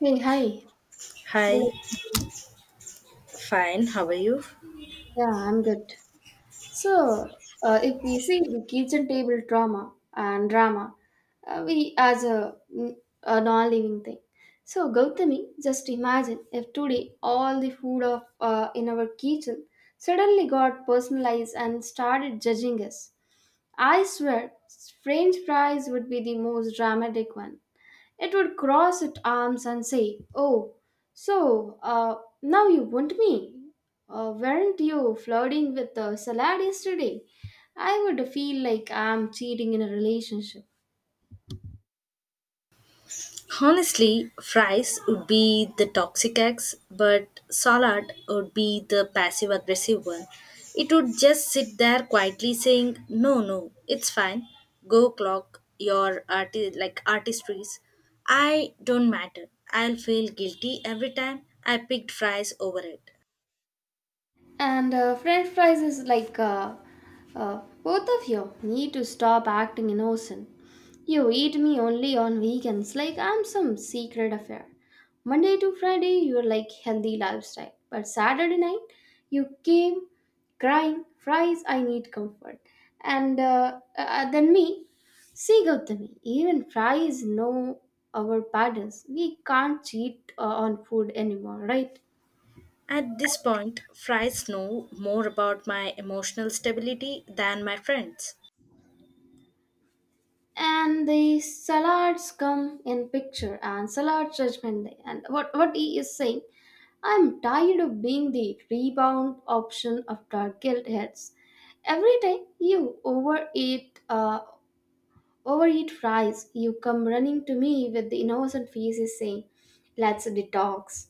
Hey, hi. Good Hi, afternoon. fine. How are you? Yeah, I'm good. So, if we see the kitchen table drama and drama, we as a, a non-living thing. So, Gautami, just imagine if today all the food of in our kitchen suddenly got personalized and started judging us. I swear, French fries would be the most dramatic one. It would cross its arms and say, oh, so uh, now you want me? Weren't you flirting with the salad yesterday? I would feel like I'm cheating in a relationship. Honestly, fries would be the toxic ex, but salad would be the passive aggressive one. It would just sit there quietly saying, "No, no, it's fine. Go clock your artistries. I don't matter. I'll feel guilty every time I picked fries over it." And French fries is like, both of you need to stop acting innocent. You eat me only on weekends, like I'm some secret affair. Monday to Friday, you're like healthy lifestyle. But Saturday night, you came crying, fries, I need comfort. And Then me, see Gautami, even fries know our patterns. We can't cheat on food anymore, right? At this point, fries know more about my emotional stability than my friends. And the salads come in picture and salad judgment day and what he is saying, I'm tired of being the rebound option after guilt hits every time you overeat fries. You come running to me with the innocent faces saying, let's detox.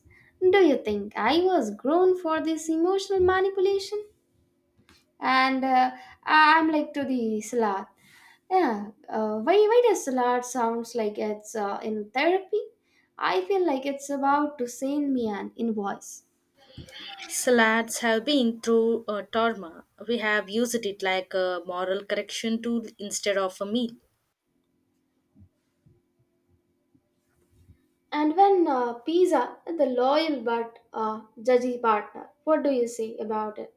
Do you think I was grown for this emotional manipulation? And I'm like to the salad, yeah, why does salad sounds like it's in therapy? I feel like it's about to send me an invoice. Salads have been through a trauma. We have used it like a moral correction tool instead of a meal. And when pizza, the loyal but judgy partner, what do you say about it?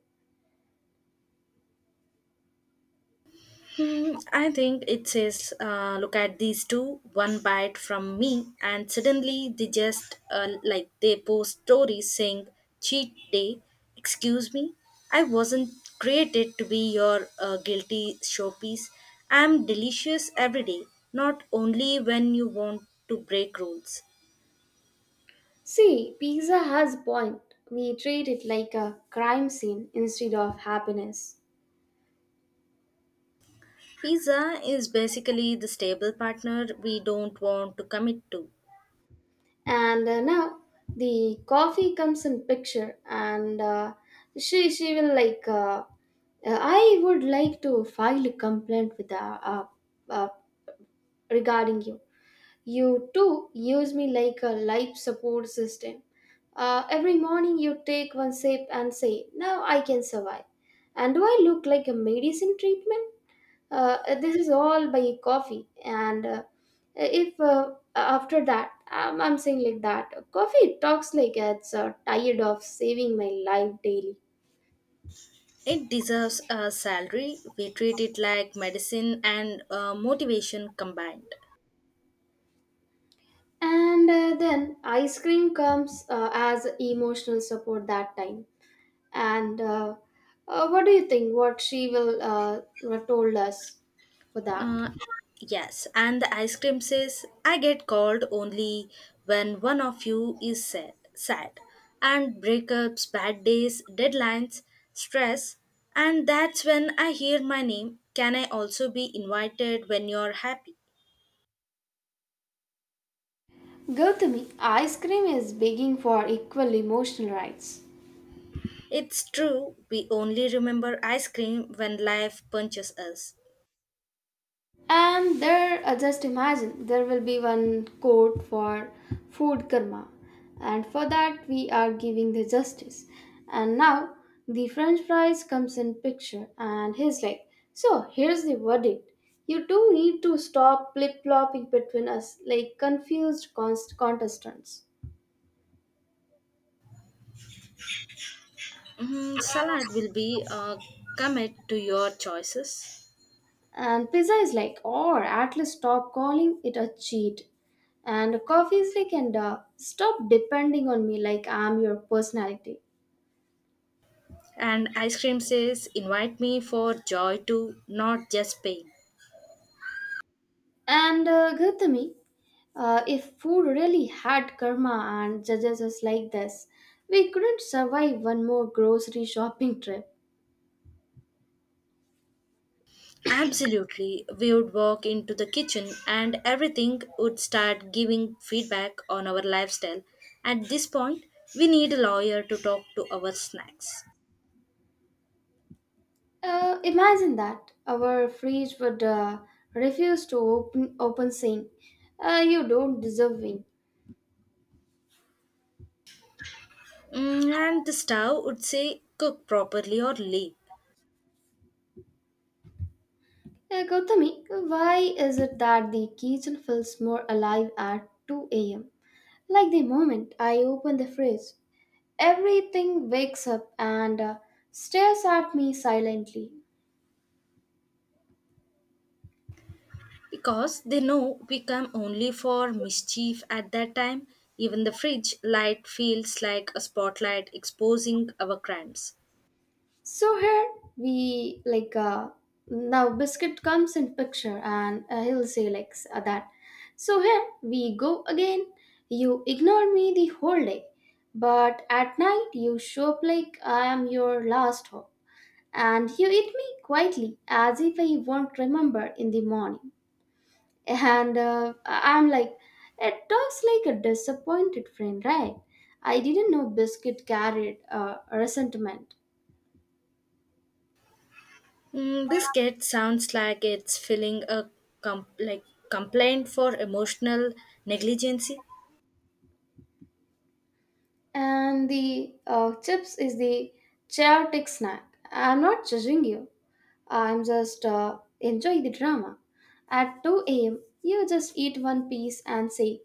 Hmm, I think it says, look at these two, one bite from me, and suddenly they just they post stories saying, cheat day, excuse me, I wasn't created to be your guilty showpiece. I'm delicious every day, not only when you want to break rules. See, pizza has a point. We treat it like a crime scene instead of happiness. Pizza is basically the stable partner we don't want to commit to. And Now the coffee comes in picture, and she will like, I would like to file a complaint with, uh, regarding you too use me like a life support system. Every morning you take one sip and say, now I can survive. And do I look like a medicine treatment? This is all by coffee. And if After that, I'm saying like that coffee talks like it's tired of saving my life daily. It deserves a salary. We treat it like medicine and motivation combined. And Then ice cream comes as emotional support that time, and what do you think what she will told us for that? Uh, yes, and the ice cream says, I get called only when one of you is sad. And breakups, bad days, deadlines, stress. And that's when I hear my name. Can I also be invited when you're happy? Gautami, ice cream is begging for equal emotional rights. It's true, we only remember ice cream when life punches us. And there, just imagine, there will be one court for food karma, and for that we are giving the justice. And now the French fries comes in picture, and he's like, "So here's the verdict. You two need to stop flip flopping between us like contestants." Mm, salad will be commit to your choices. And pizza is like, "Or at least stop calling it a cheat." And coffee is like, "And stop depending on me like I'm your personality." And ice cream says, invite me for joy too, not just pain. And Gautami, if food really had karma and judges us like this, we couldn't survive one more grocery shopping trip. Absolutely, we would walk into the kitchen and everything would start giving feedback on our lifestyle. At this point, we need a lawyer to talk to our snacks. Imagine that our fridge would refuse to open, open saying, "You don't deserve win." Mm, and the stove would say, cook properly or leave. Gautami, why is it that the kitchen feels more alive at 2 a.m.? Like the moment I open the fridge, everything wakes up and stares at me silently. Because they know we come only for mischief at that time, even the fridge light feels like a spotlight exposing our crimes. So here we like, now biscuit comes in picture and he'll say like that. So here we go again. You ignored me the whole day, but at night you show up like I am your last hope, and you eat me quietly as if I won't remember in the morning. I'm like, it talks like a disappointed friend, right? I didn't know biscuit carried resentment. Mm, this kid sounds like it's filling a com- like complaint for emotional negligence. And the, chips is the chaotic snack. I'm not judging you. I'm just enjoy the drama. At 2 a.m., you just eat one piece and say,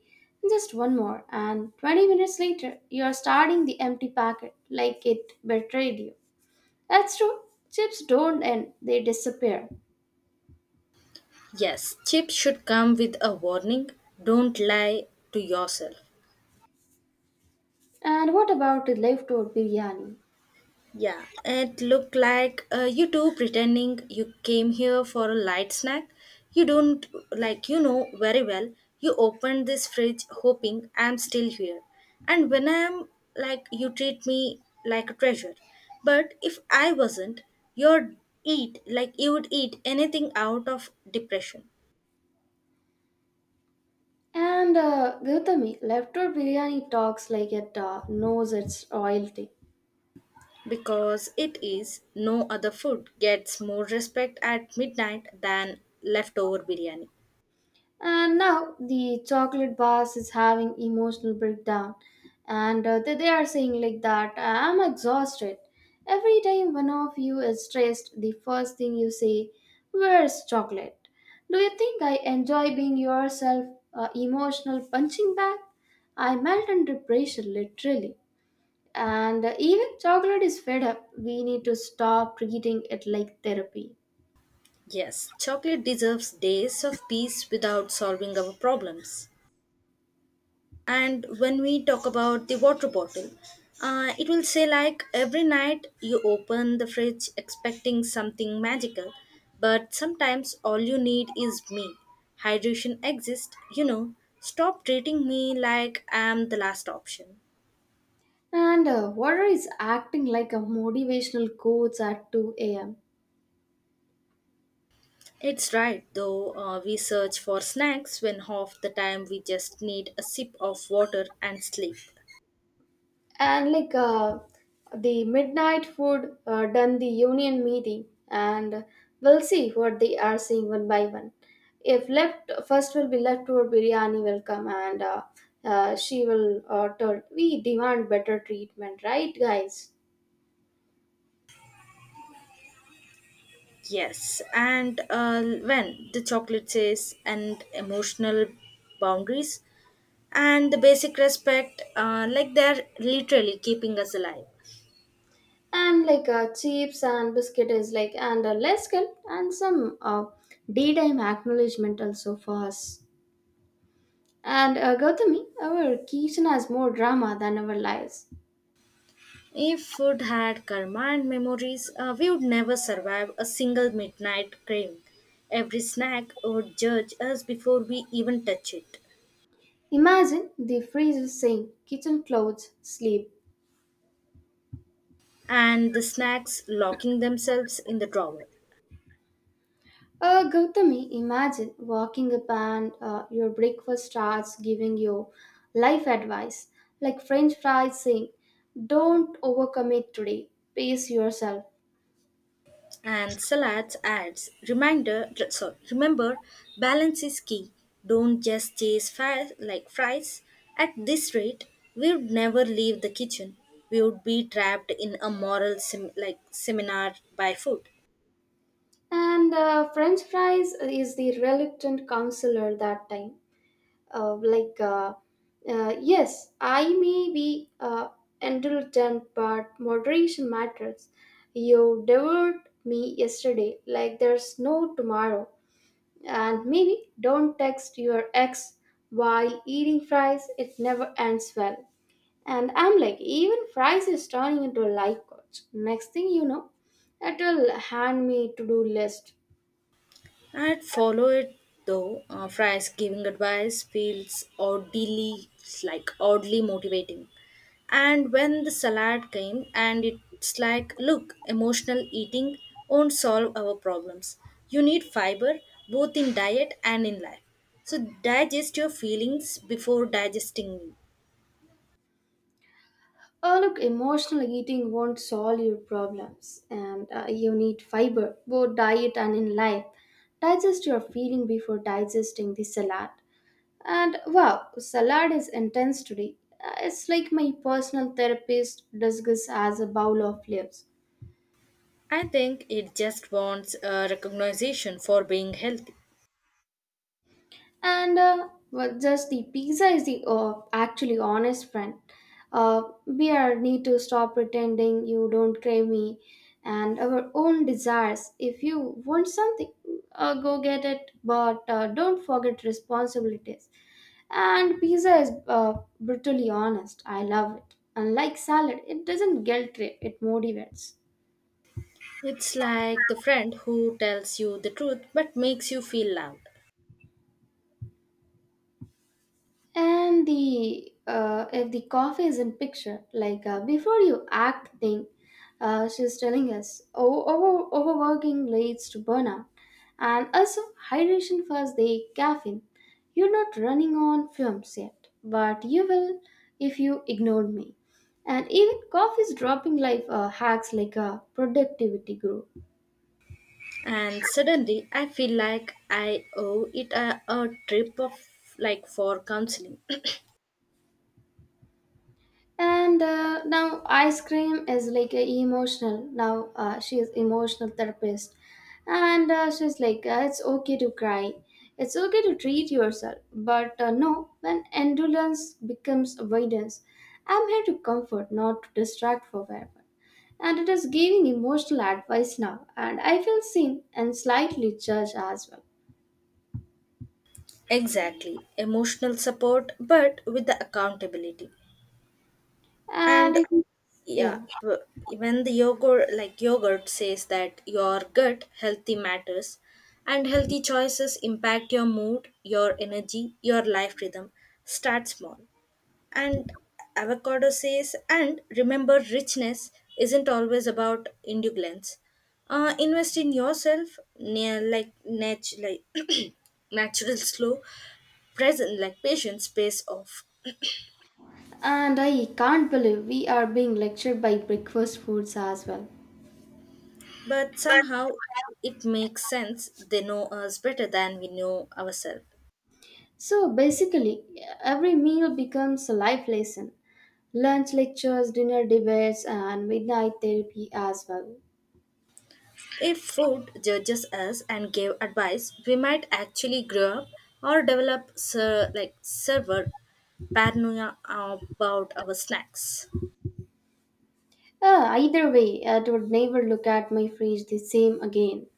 just one more, and 20 minutes later, you're starting the empty packet like it betrayed you. That's true, chips don't end, they disappear. Yes, chips should come with a warning. Don't lie to yourself. And what about the leftover biryani? Yeah, it looked like you two pretending you came here for a light snack. You don't, like, you know very well, you opened this fridge hoping I'm still here. And when I'm, like, you treat me like a treasure. But if I wasn't, you'd you would eat anything out of depression. And Gautami, leftover biryani talks like it knows its royalty. Because it is no other food gets more respect at midnight than leftover biryani. And now the chocolate bars is having emotional breakdown, and they are saying like that, I'm exhausted. Every time one of you is stressed, the first thing you say, "Where's chocolate?" Do you think I enjoy being yourself, emotional punching bag? I melt under pressure, literally. And Even chocolate is fed up. We need to stop treating it like therapy. Yes, chocolate deserves days of peace without solving our problems. And when we talk about the water bottle, it will say like every night you open the fridge expecting something magical, but sometimes all you need is me. Hydration exists, you know. Stop treating me like I'm the last option. And Water is acting like a motivational coach at 2 a.m. It's right, though we search for snacks when half the time we just need a sip of water and sleep. And like, the midnight food done the union meeting, and we'll see what they are saying one by one. If left, first will be leftover biryani will come, and, she will tell, we demand better treatment, right, guys? Yes, and when the chocolate says and emotional boundaries and the basic respect, like they're literally keeping us alive. And like, chips and biscuit is like, and less guilt and some daytime acknowledgement also for us. And Gautami, our kitchen has more drama than our lives. If food had karma and memories, we would never survive a single midnight craving. Every snack would judge us before we even touch it, Imagine the freezer saying, kitchen clothes, sleep. and the snacks locking themselves in the drawer. Gautami, imagine walking up and your breakfast starts giving you life advice, like French fries saying, don't overcommit today, pace yourself. And Salads adds remember balance is key. Don't just chase fries like fries. At this rate, we would never leave the kitchen. We would be trapped in a moral seminar by food. And French fries is the reluctant counselor that time. uh, like uh, yes, I may be indulgent, but moderation matters. You devoured me yesterday like there's no tomorrow. And maybe don't text your ex while eating fries, it never ends well. And I'm like, even fries is turning into a life coach. Next thing you know, it will hand me to-do list. I'd follow it though. Fry's giving advice feels oddly motivating. And when the salad came, and it's like, look, emotional eating won't solve our problems. You need fiber both in diet and in life. So digest your feelings before digesting me. Oh, look, emotional eating won't solve your problems, and you need fiber, both diet and in life. Digest your feeling before digesting the salad. And wow, salad is intense today. It's like my personal therapist discusses as a bowl of leaves. I think it just wants a recognition for being healthy. Just the pizza is the actually honest friend. We are need to stop pretending you don't crave me and our own desires. If you want something, go get it, but don't forget responsibilities. And pizza is brutally honest, I love it. Unlike salad, it doesn't guilt trip, it motivates. It's like the friend who tells you the truth but makes you feel loud. And the, if the coffee is in picture, like, before you act thing, she's telling us, Overworking leads to burnout, and also hydration first the caffeine. You're not running on fumes yet, but you will if you ignored me." And even coffee is dropping life hacks like a productivity guru. And suddenly I feel like I owe it a trip of like for counseling. And Now ice cream is like a emotional. Now she is emotional therapist, and she's like, it's okay to cry, it's okay to treat yourself, but no, when endurance becomes avoidance, I'm here to comfort, not to distract forever. And it is giving emotional advice now, and I feel seen and slightly judged as well. Exactly emotional support but with the accountability. And And it is yeah, yeah, when the yogurt says that your gut healthy matters and healthy choices impact your mood, your energy, your life rhythm. Start small. And Avocado says, and remember, richness isn't always about indulgence. Invest in yourself, near like nat- like natural, slow, present, like patience pays off. and I can't believe we are being lectured by breakfast foods as well. But somehow, it makes sense. They know us better than we know ourselves. So basically, every meal becomes a life lesson. Lunch lectures, dinner debates, and midnight therapy as well. If food judges us and gave advice, we might actually grow up or develop server paranoia about our snacks. Either way, I would never look at my fridge the same again.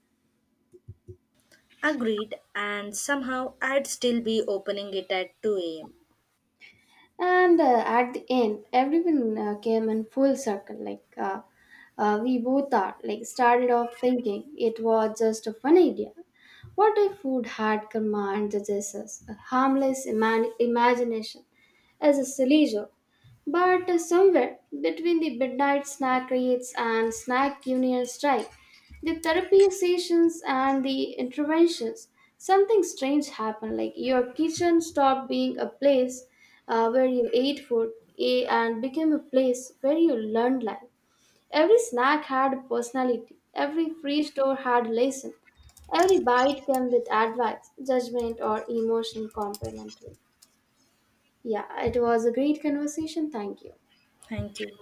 Agreed, and somehow I'd still be opening it at 2 am. And At the end, everyone came in full circle. We both are like started off thinking it was just a fun idea. What if food had karma and judges us? A harmless imagination as a silly joke. But Somewhere between the midnight snack raids and snack union strike, the therapy sessions and the interventions, something strange happened. Like your kitchen stopped being a place where you ate food, and became a place where you learned life. Every snack had a personality. Every free store had a lesson. Every bite came with advice, judgment, or emotional complimentary. Yeah, it was a great conversation. Thank you. Thank you.